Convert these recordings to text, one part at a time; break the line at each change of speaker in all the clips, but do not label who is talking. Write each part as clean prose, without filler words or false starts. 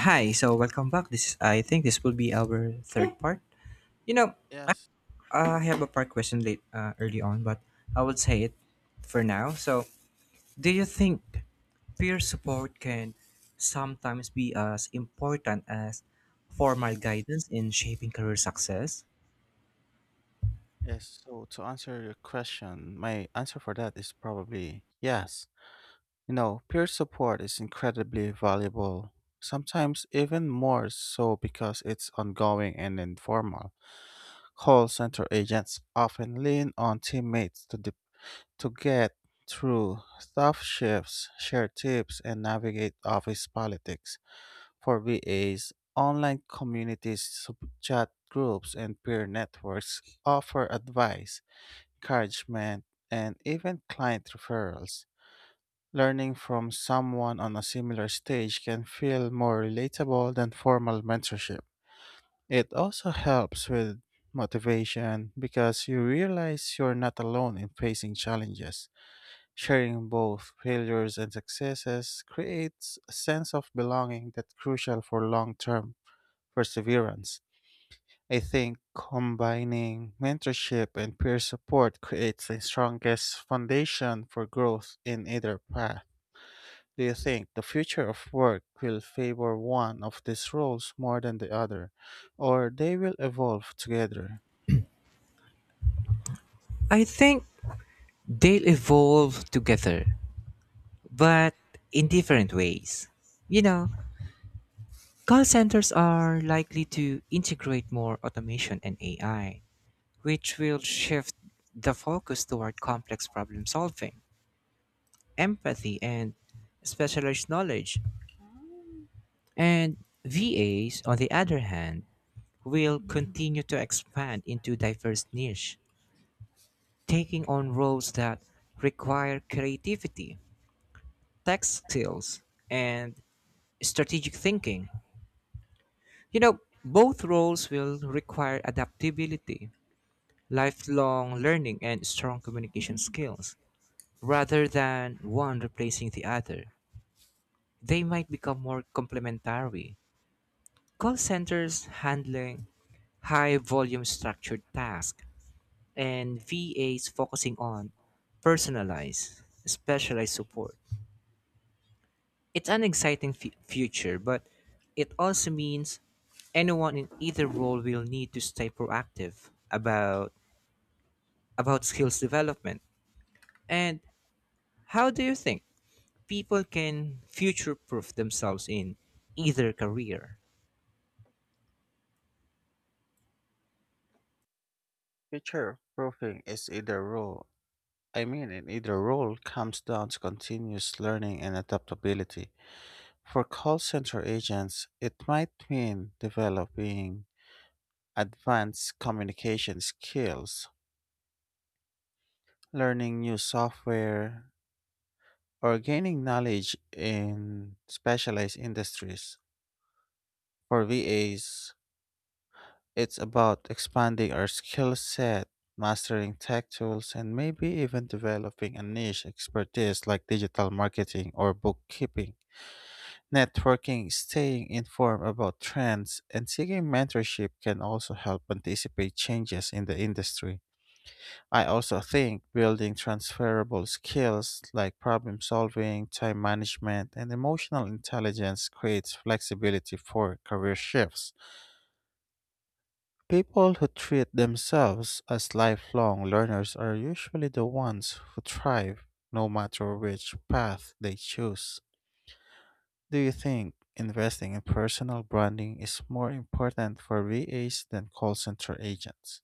Hi, so welcome back. This I think this will be our third part. You know, I,
Yes,
I have a part question late early on, but I will say it for now. So, do you think peer support can sometimes be as important as formal guidance in shaping career success?
yes. So to answer your question, my answer for that is probably yes. You know, peer support is incredibly valuable, sometimes even more so because it's ongoing and informal. Call center agents often lean on teammates to get through tough shifts, share tips, and navigate office politics. For VAs, online communities, chat groups, and peer networks offer advice encouragement, and even client referrals. Learning from someone on a similar stage can feel more relatable than formal mentorship. It also helps with motivation because you realize you're not alone in facing challenges. Sharing both failures and successes creates a sense of belonging that's crucial for long term perseverance. I think combining mentorship and peer support creates the strongest foundation for growth in either path. Do you think the future of work will favor one of these roles more than the other, or they will evolve together?
I think they'll evolve together, but in different ways. You know, call centers are likely to integrate more automation and AI which will shift the focus toward complex problem solving, empathy, and specialized knowledge. And VAs, on the other hand, will continue to expand into diverse niche, taking on roles that require creativity, tech skills, and strategic thinking. You know, both roles will require adaptability, lifelong learning, and strong communication skills. Rather than one replacing the other, they might become more complementary. Call centers handling high volume structured tasks, and VAs focusing on personalized, specialized support. It's an exciting future, but it also means anyone in either role will need to stay proactive about skills development. And how do you think people can future proof themselves in either career.
Future proofing is either role. I mean, in either role comes down to continuous learning and adaptability. For call center agents, it might mean developing advanced communication skills. Learning new software or gaining knowledge in specialized industries. For VAs, it's about expanding our skill set, mastering tech tools, and maybe even developing a niche expertise like digital marketing or bookkeeping. Networking, staying informed about trends, and seeking mentorship can also help anticipate changes in the industry. I also think building transferable skills like problem solving, time management, and emotional intelligence creates flexibility for career shifts. People who treat themselves as lifelong learners are usually the ones who thrive, no matter which path they choose. Do you think investing in personal branding is more important for VAs than call center agents?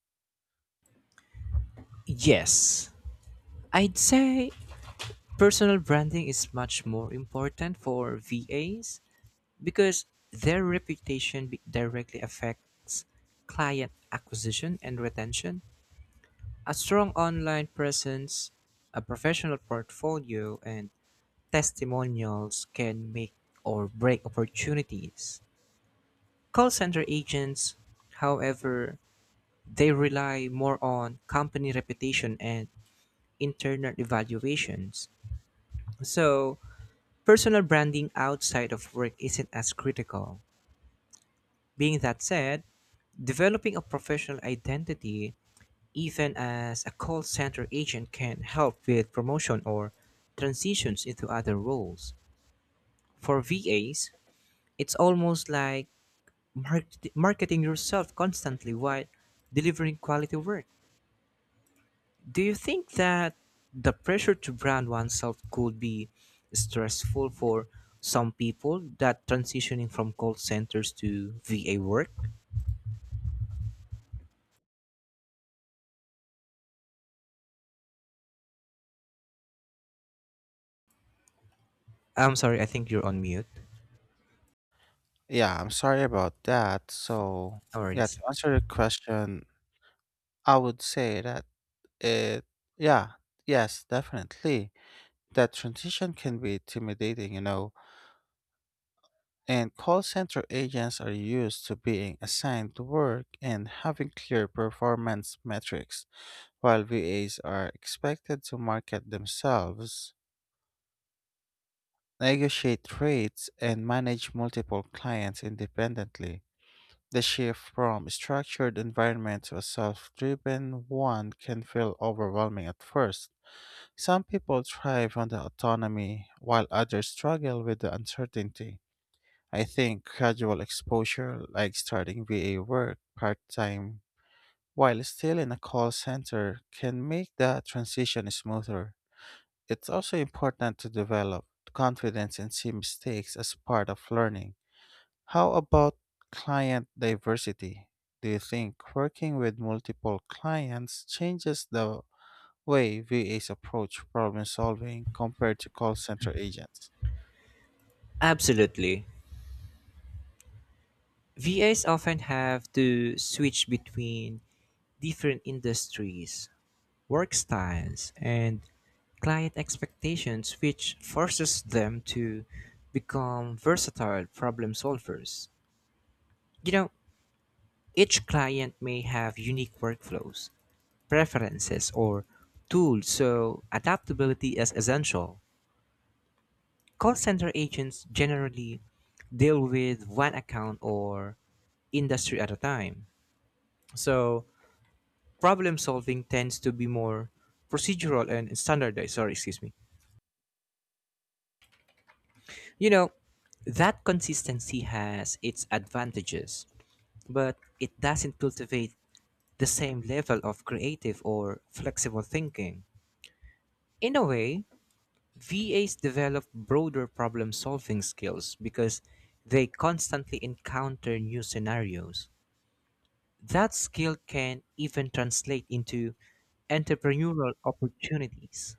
Yes, I'd say personal branding is much more important for VAs because their reputation directly affects client acquisition and retention. A strong online presence, a professional portfolio, and testimonials can make or break opportunities. Call center agents, however, they rely more on company reputation and internal evaluations. So, personal branding outside of work isn't as critical. Being that said, developing a professional identity, even as a call center agent, can help with promotion or transitions into other roles. For VAs, it's almost like marketing yourself constantly while delivering quality work. Do you think that the pressure to brand oneself could be stressful for some people that transitioning from call centers to VA work? I'm sorry, I think you're on mute.
Yeah, I'm sorry about that. So,
No
yeah, to
worries.
answer your question, I would say that it, yeah, yes, definitely. That transition can be intimidating, you know, and call center agents are used to being assigned to work and having clear performance metrics, while VAs are expected to market themselves, negotiate rates, and manage multiple clients independently. The shift from a structured environment to a self driven one can feel overwhelming at first. Some people thrive on the autonomy, while others struggle with the uncertainty. I think gradual exposure, like starting VA work part time while still in a call center, can make the transition smoother. It's also important to develop confidence and see mistakes as part of learning. How about client diversity? Do you think working with multiple clients changes the way V VAs approach problem solving compared to call center agents?
Absolutely. VAs often have to switch between different industries, work styles, and client expectations, which forces them to become versatile problem solvers. You know, each client may have unique workflows, preferences, or tools, so adaptability is essential. Call center agents generally deal with one account or industry at a time. So, problem solving tends to be more procedural and standardized. Sorry, excuse me. You know, that consistency has its advantages, but it doesn't cultivate the same level of creative or flexible thinking. In a way, VAs develop broader problem solving skills because they constantly encounter new scenarios. That skill can even translate into entrepreneurial opportunities.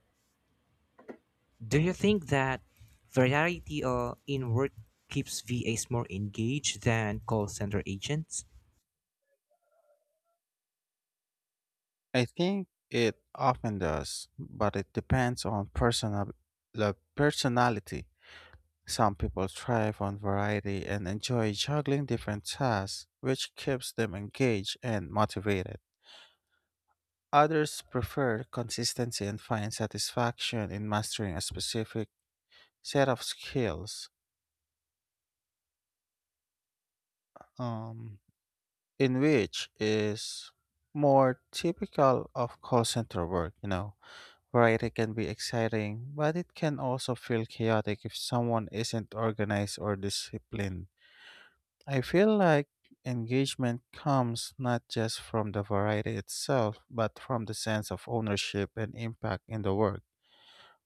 Do you think that variety in work keeps VAs more engaged than call center agents?
I think it often does, but it depends on personal the personality. Some people thrive on variety and enjoy juggling different tasks, which keeps them engaged and motivated. Others prefer consistency and find satisfaction in mastering a specific set of skills. Um, in which is more typical of call center work, you know. Variety can be exciting, but it can also feel chaotic if someone isn't organized or disciplined. I feel like engagement comes not just from the variety itself, but from the sense of ownership and impact in the work.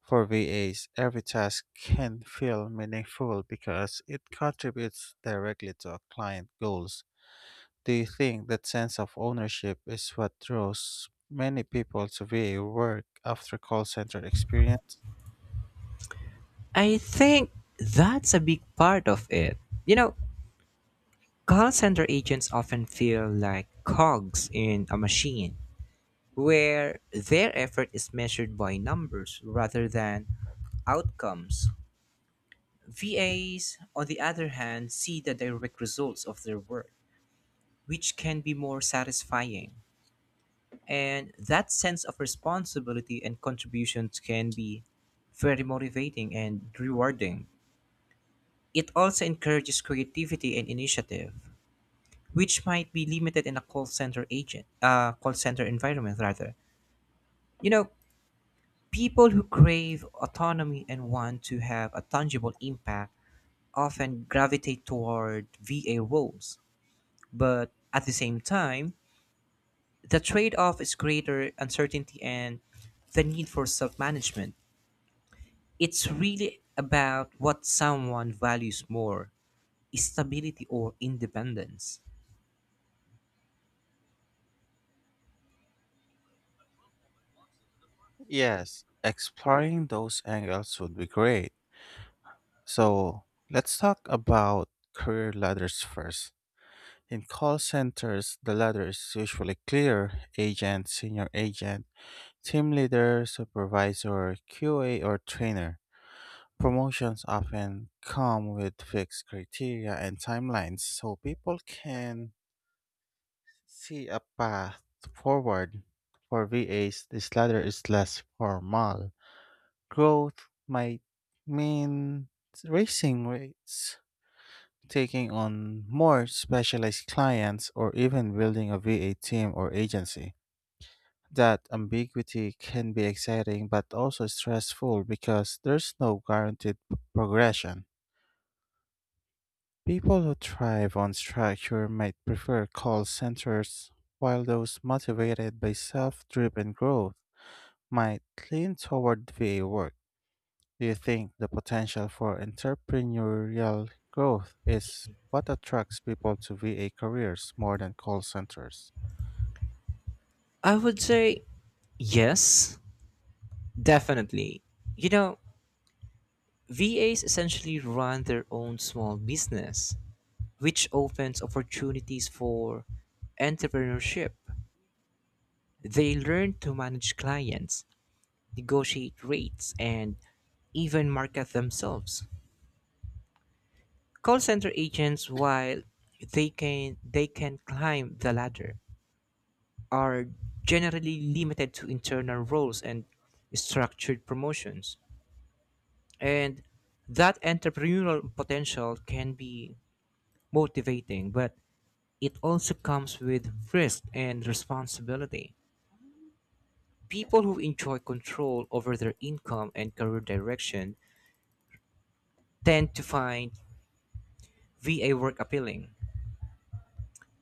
For VAs, every task can feel meaningful because it contributes directly to a client goals. Do you think that sense of ownership is what draws many people to VA work after call center experience?
I think that's a big part of it. You know, call center agents often feel like cogs in a machine where their effort is measured by numbers rather than outcomes. VAs, on the other hand, see the direct results of their work, which can be more satisfying. And that sense of responsibility and contributions can be very motivating and rewarding. It also encourages creativity and initiative, which might be limited in a call center environment rather. You know, people who crave autonomy and want to have a tangible impact often gravitate toward VA roles. But at the same time, the trade off is greater uncertainty and the need for self management. It's really about what someone values more stability or independence.
Yes, exploring those angles would be great. So, let's talk about career ladders first. In call centers, the ladder is usually clear agent, senior agent, team leader, supervisor, QA, or trainer. Promotions often come with fixed criteria and timelines, so people can see a path forward. For VAs, this ladder is less formal. Growth might mean raising rates, taking on more specialized clients, or even building a VA team or agency. That ambiguity can be exciting but also stressful because there's no guaranteed progression. People who thrive on structure might prefer call centers, while those motivated by self driven growth might lean toward VA work. Do you think the potential for entrepreneurial growth is what attracts people to VA careers more than call centers?
I would say yes, definitely. You know, VAs essentially run their own small business which opens opportunities for entrepreneurship. They learn to manage clients, negotiate rates, and even market themselves. Call center agents, while they can climb the ladder, are generally limited to internal roles and structured promotions. And that entrepreneurial potential can be motivating, but it also comes with risk and responsibility. People who enjoy control over their income and career direction tend to find VA work appealing.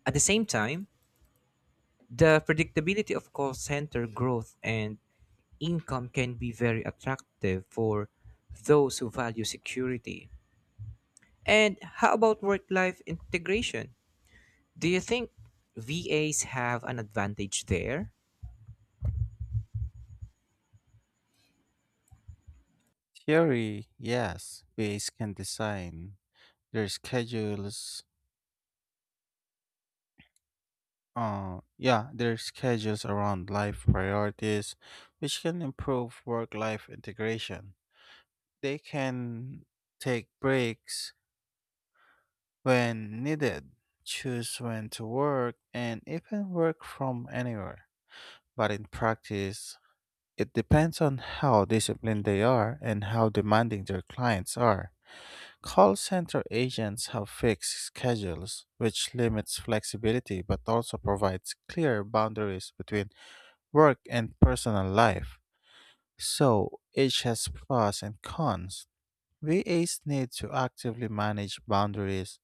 At the same time, the predictability of call center growth and income can be very attractive for those who value security. And how about work life integration? Do you think VAs have an advantage there?
Theory, yes. VAs can design their schedules. Yeah, their schedules around life priorities, which can improve work life integration. They can take breaks when needed, choose when to work, and even work from anywhere. But in practice, it depends on how disciplined they are and how demanding their clients are. Call center agents have fixed schedules, which limits flexibility but also provides clear boundaries between work and personal life. So each has pros and cons. VAs need to actively manage boundaries,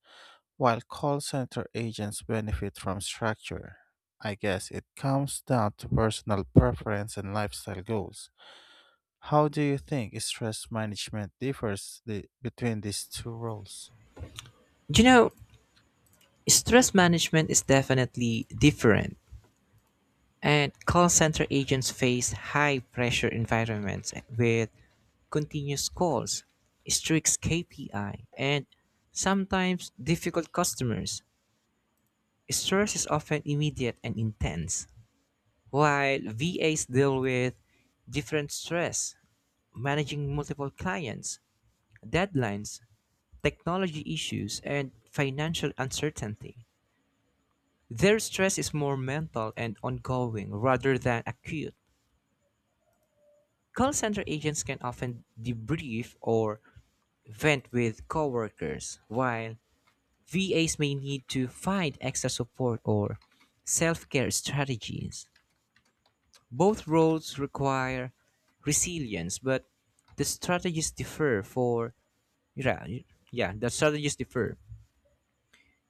while call center agents benefit from structure. I guess it comes down to personal preference and lifestyle goals. How do you think stress management between these two roles?
You know, stress management is definitely different. And call center agents face high pressure environments with continuous calls, strict KPI, and sometimes difficult customers. Stress is often immediate and intense, while VAs deal with different stress, managing multiple clients, deadlines, technology issues, and financial uncertainty. Their stress is more mental and ongoing rather than acute. Call center agents can often debrief or vent with coworkers, while VAs may need to find extra support or self care strategies. Both roles require resilience, but the strategies differ for yeah, yeah, the strategies differ.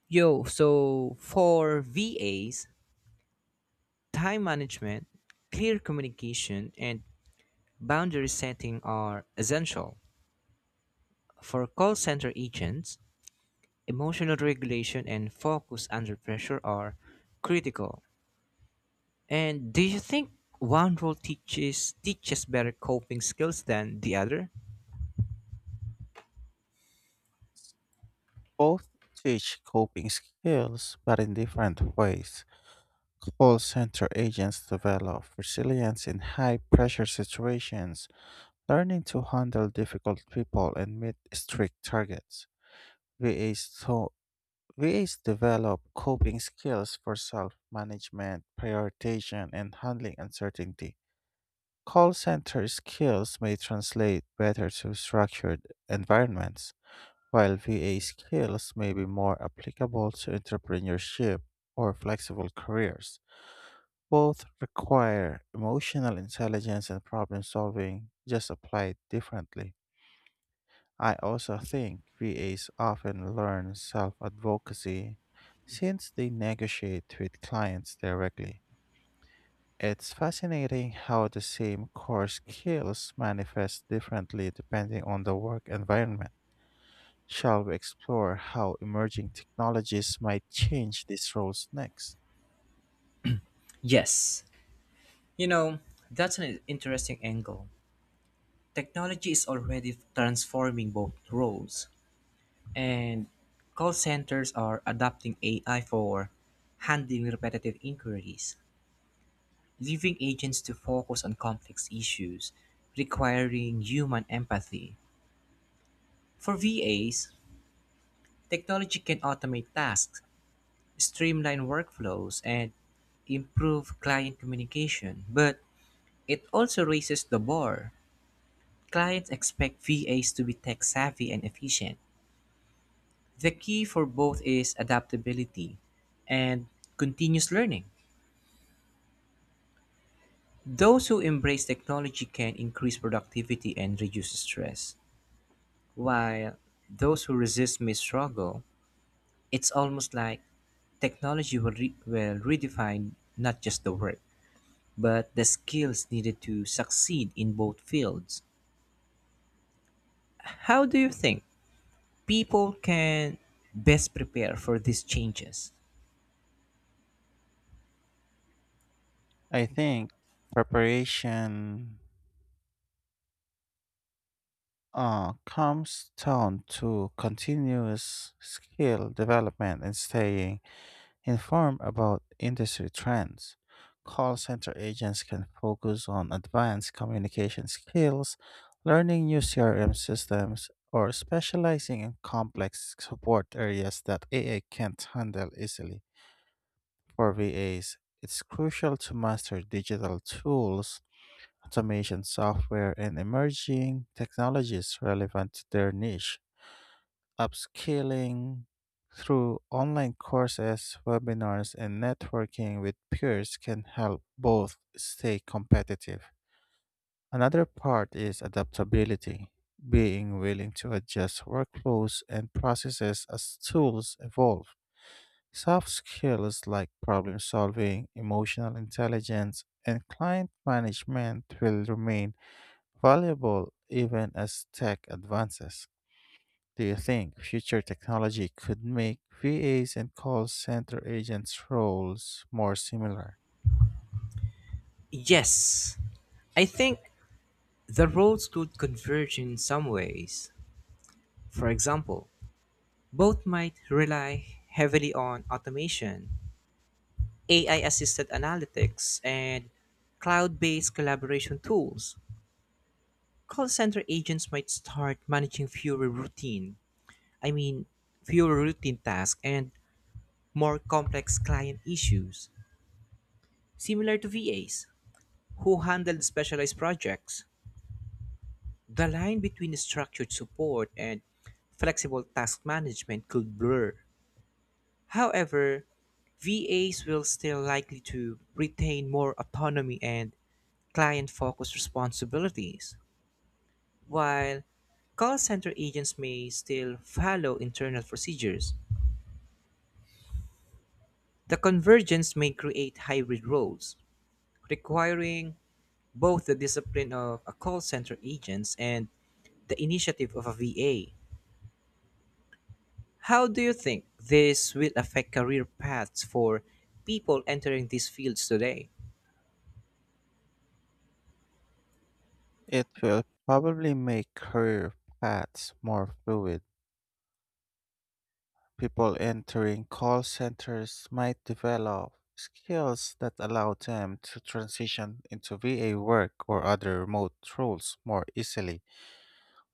Yo, so for VAs, time management, clear communication, and boundary setting are essential. For call center agents, emotional regulation and focus under pressure are critical. And do you think one role teaches better coping skills than the other?
Both teach coping skills, but in different ways. Call center agents develop resilience in high pressure situations, learning to handle difficult people and meet strict targets. VAs, so VAs develop coping skills for self management, prioritization, and handling uncertainty. Call center skills may translate better to structured environments, while VA skills may be more applicable to entrepreneurship or flexible careers. Both require emotional intelligence and problem solving, just applied differently. I also think VAs often learn self advocacy since they negotiate with clients directly. It's fascinating how the same core skills manifest differently depending on the work environment. Shall we explore how emerging technologies might change these roles next?
Yes. You know, that's an interesting angle. Technology is already transforming both roles, and call centers are adopting AI for handling repetitive inquiries, leaving agents to focus on complex issues, requiring human empathy. For VAs, technology can automate tasks, streamline workflows, and improve client communication, but it also raises the bar. Clients expect VAs to be tech savvy and efficient. The key for both is adaptability and continuous learning. Those who embrace technology can increase productivity and reduce stress, while those who resist may struggle. It's almost like technology will, will redefine not just the work, but the skills needed to succeed in both fields. How do you think people can best prepare for these changes?
I think preparation comes down to continuous skill development and staying inform about industry trends. Call center agents can focus on advanced communication skills, learning new CRM systems, or specializing in complex support areas that AA can't handle easily. For VAs, it's crucial to master digital tools, automation software, and emerging technologies relevant to their niche upskilling through online courses, webinars, and networking with peers can help both stay competitive. Another part is adaptability, being willing to adjust workflows and processes as tools evolve. Soft skills like problem solving, emotional intelligence, and client management will remain valuable even as tech advances. Do you think future technology could make VAs and call center agents' roles more similar?
Yes, I think the roads could converge in some ways. For example, both might rely heavily on automation, AI assisted analytics, and cloud based collaboration tools. Call center agents might start managing I mean, fewer routine tasks and more complex client issues, similar to VAs who handled specialized projects. The line between structured support and flexible task management could blur. However, VAs will still likely to retain more autonomy and client-focused responsibilities, while call center agents may still follow internal procedures. The convergence may create hybrid roles, requiring both the discipline of a call center agents and the initiative of a VA. How do you think this will affect career paths for people entering these fields today?
It will probably make career paths more fluid. People entering call centers might develop skills that allow them to transition into VA work or other remote roles more easily.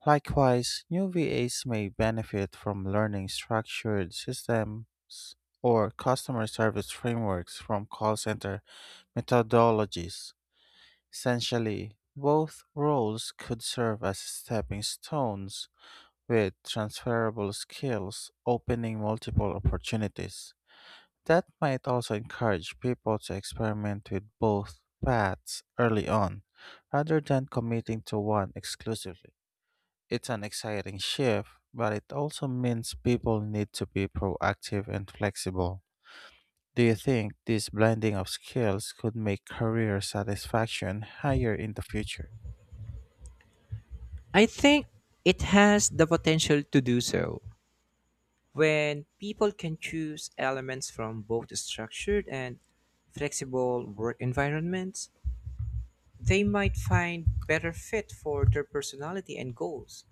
Likewise, new VAs may benefit from learning structured systems or customer service frameworks from call center methodologies. Essentially, both roles could serve as stepping stones with transferable skills, opening multiple opportunities. That might also encourage people to experiment with both paths early on, rather than committing to one exclusively. It's an exciting shift, but it also means people need to be proactive and flexible. Do you think this blending of skills could make career satisfaction higher in the future?
I think it has the potential to do so. When people can choose elements from both structured and flexible work environments, they might find better fit for their personality and goals.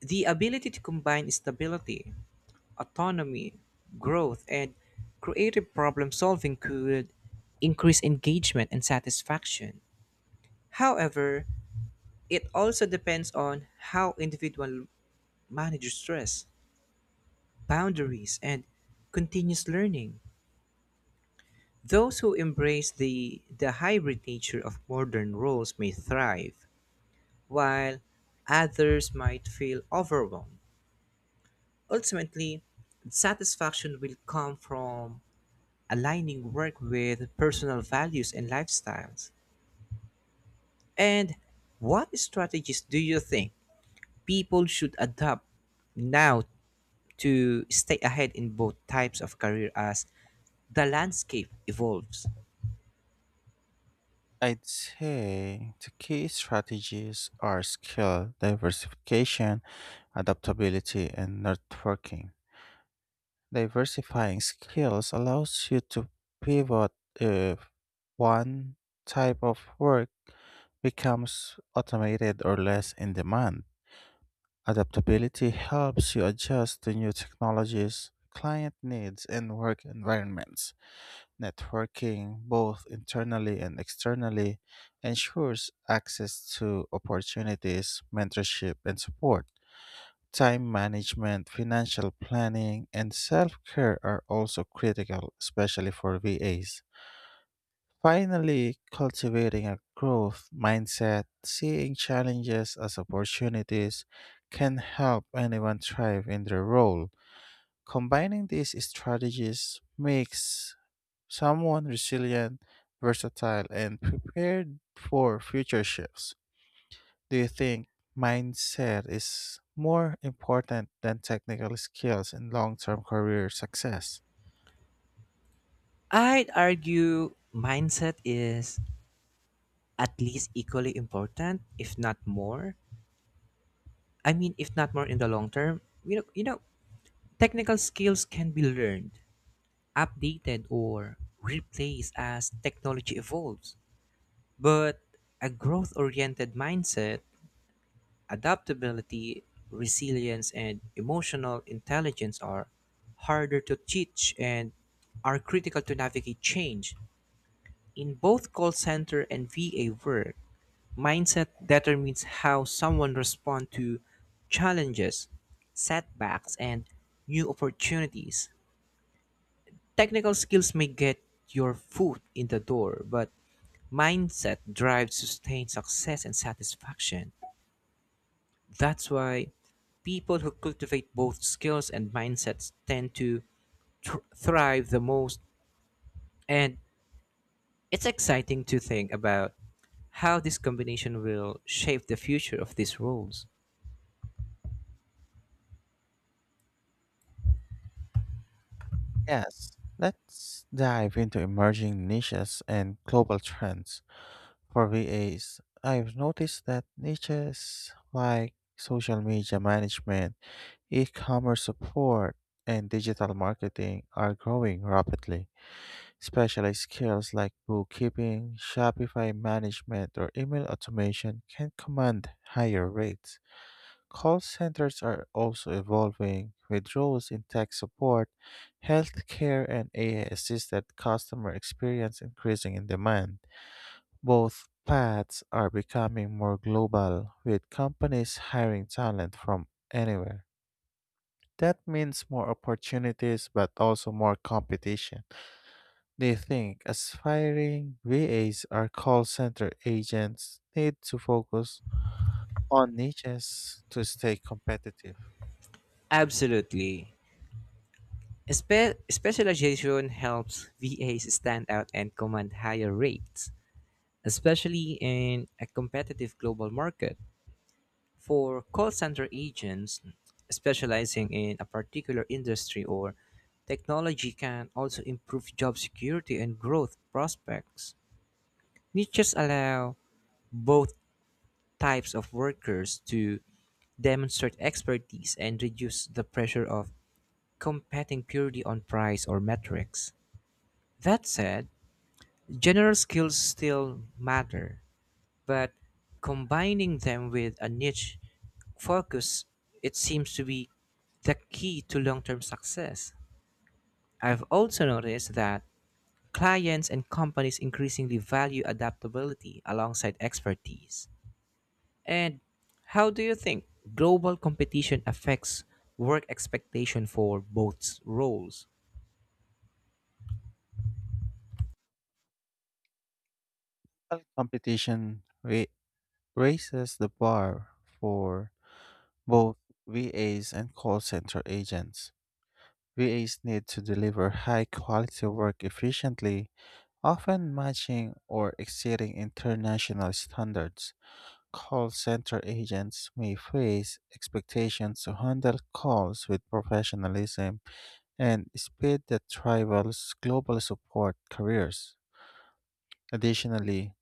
The ability to combine stability autonomy, growth, and creative problem solving could increase engagement and satisfaction. However, it also depends on how individual manages stress, boundaries, and continuous learning. Those who embrace the hybrid nature of modern roles may thrive, while others might feel overwhelmed. Ultimately, satisfaction will come from aligning work with personal values and lifestyles. And what strategies do you think people should adopt now to stay ahead in both types of career as the landscape evolves?
I'd say the key strategies are skill diversification, adaptability, and networking. Diversifying skills allows you to pivot if one type of work becomes automated or less in demand. Adaptability helps you adjust to new technologies, client needs, and work environments. Networking, both internally and externally, ensures access to opportunities, mentorship, and support. Time management, financial planning, and self care are also critical, especially for VAs. Finally, cultivating a growth mindset, seeing challenges as opportunities, can help anyone thrive in their role. Combining these strategies makes someone resilient, versatile, and prepared for future shifts. Do you think mindset is more important than technical skills in long term career success?
I'd argue mindset is at least equally important, if not more. If not more in the long term, technical skills can be learned, updated, or replaced as technology evolves. But a growth oriented mindset, adaptability, resilience, and emotional intelligence are harder to teach and are critical to navigate change. In both call center and VA work, mindset determines how someone responds to challenges, setbacks, and new opportunities. Technical skills may get your foot in the door, but mindset drives sustained success and satisfaction. That's why people who cultivate both skills and mindsets tend to thrive the most. And it's exciting to think about how this combination will shape the future of these roles.
Yes. Let's dive into emerging niches and global trends. For VAs, I've noticed that niches like social media management, e commerce support, and digital marketing are growing rapidly. Specialized skills like bookkeeping, Shopify management, or email automation can command higher rates. Call centers are also evolving, with roles in tech support, healthcare, and AI assisted customer experience increasing in demand. Both paths are becoming more global, with companies hiring talent from anywhere. That means more opportunities, but also more competition. They think aspiring VAs or call center agents need to focus on niches to stay competitive.
Absolutely. Specialization helps VAs stand out and command higher rates, especially in a competitive global market. For call center agents specializing in a particular industry or technology can also improve job security and growth prospects. Niches allow both types of workers to demonstrate expertise and reduce the pressure of competing purely on price or metrics. That said, general skills still matter, but combining them with a niche focus, it seems to be the key to long term success. I've also noticed that clients and companies increasingly value adaptability alongside expertise. And how do you think global competition affects work expectation for both roles?
While competition raises the bar for both VAs and call center agents. VAs need to deliver high quality work efficiently, often matching or exceeding international standards. Call center agents may face expectations to handle calls with professionalism and speed that rivals global support careers. Additionally,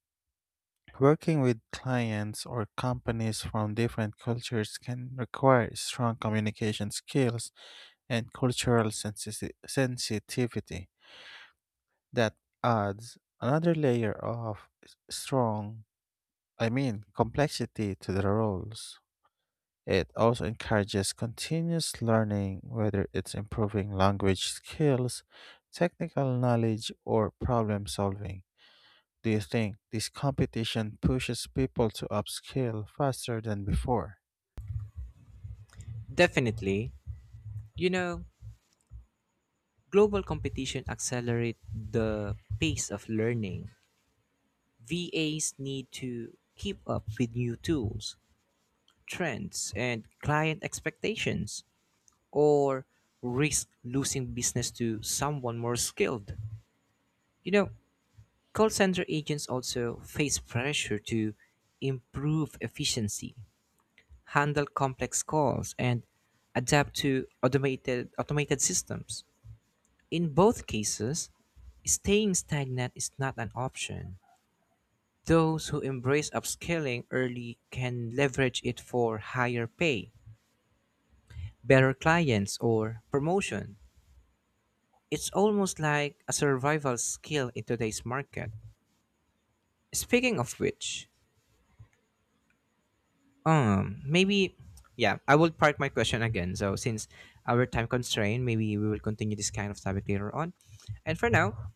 working with clients or companies from different cultures can require strong communication skills and sensitivity. That adds another layer of strong, complexity to the roles. It also encourages continuous learning, whether it's improving language skills, technical knowledge, or problem solving. Do you think this competition pushes people to upskill faster than before?
Definitely. You know, global competition accelerates the pace of learning VAs need to keep up with new tools, trends, and client expectations, or risk losing business to someone more skilled. You know, call center agents also face pressure to improve efficiency, handle complex calls, and adapt to automated systems. In both cases, staying stagnant is not an option. Those who embrace upskilling early can leverage it for higher pay, better clients, or promotion. It's almost like a survival skill in today's market. Speaking of which, maybe, yeah, I will park my question again. So since our time constraint, maybe we will continue this kind of topic later on. And for now,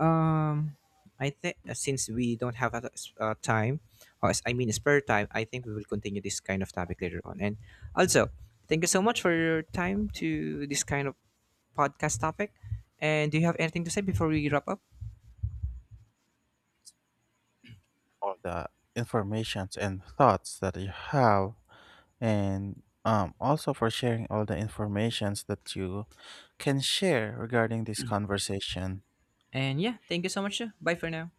Um, I think since we don't have a, time, or I mean spare time, I think we will continue this kind of topic later on. And also, thank you so much for your time to this kind of podcast topic. And do you have anything to say before we wrap up?
All the informations and thoughts that you have, and also for sharing all the informations that you can share regarding this conversation.
And yeah, thank you so much. Bye for now.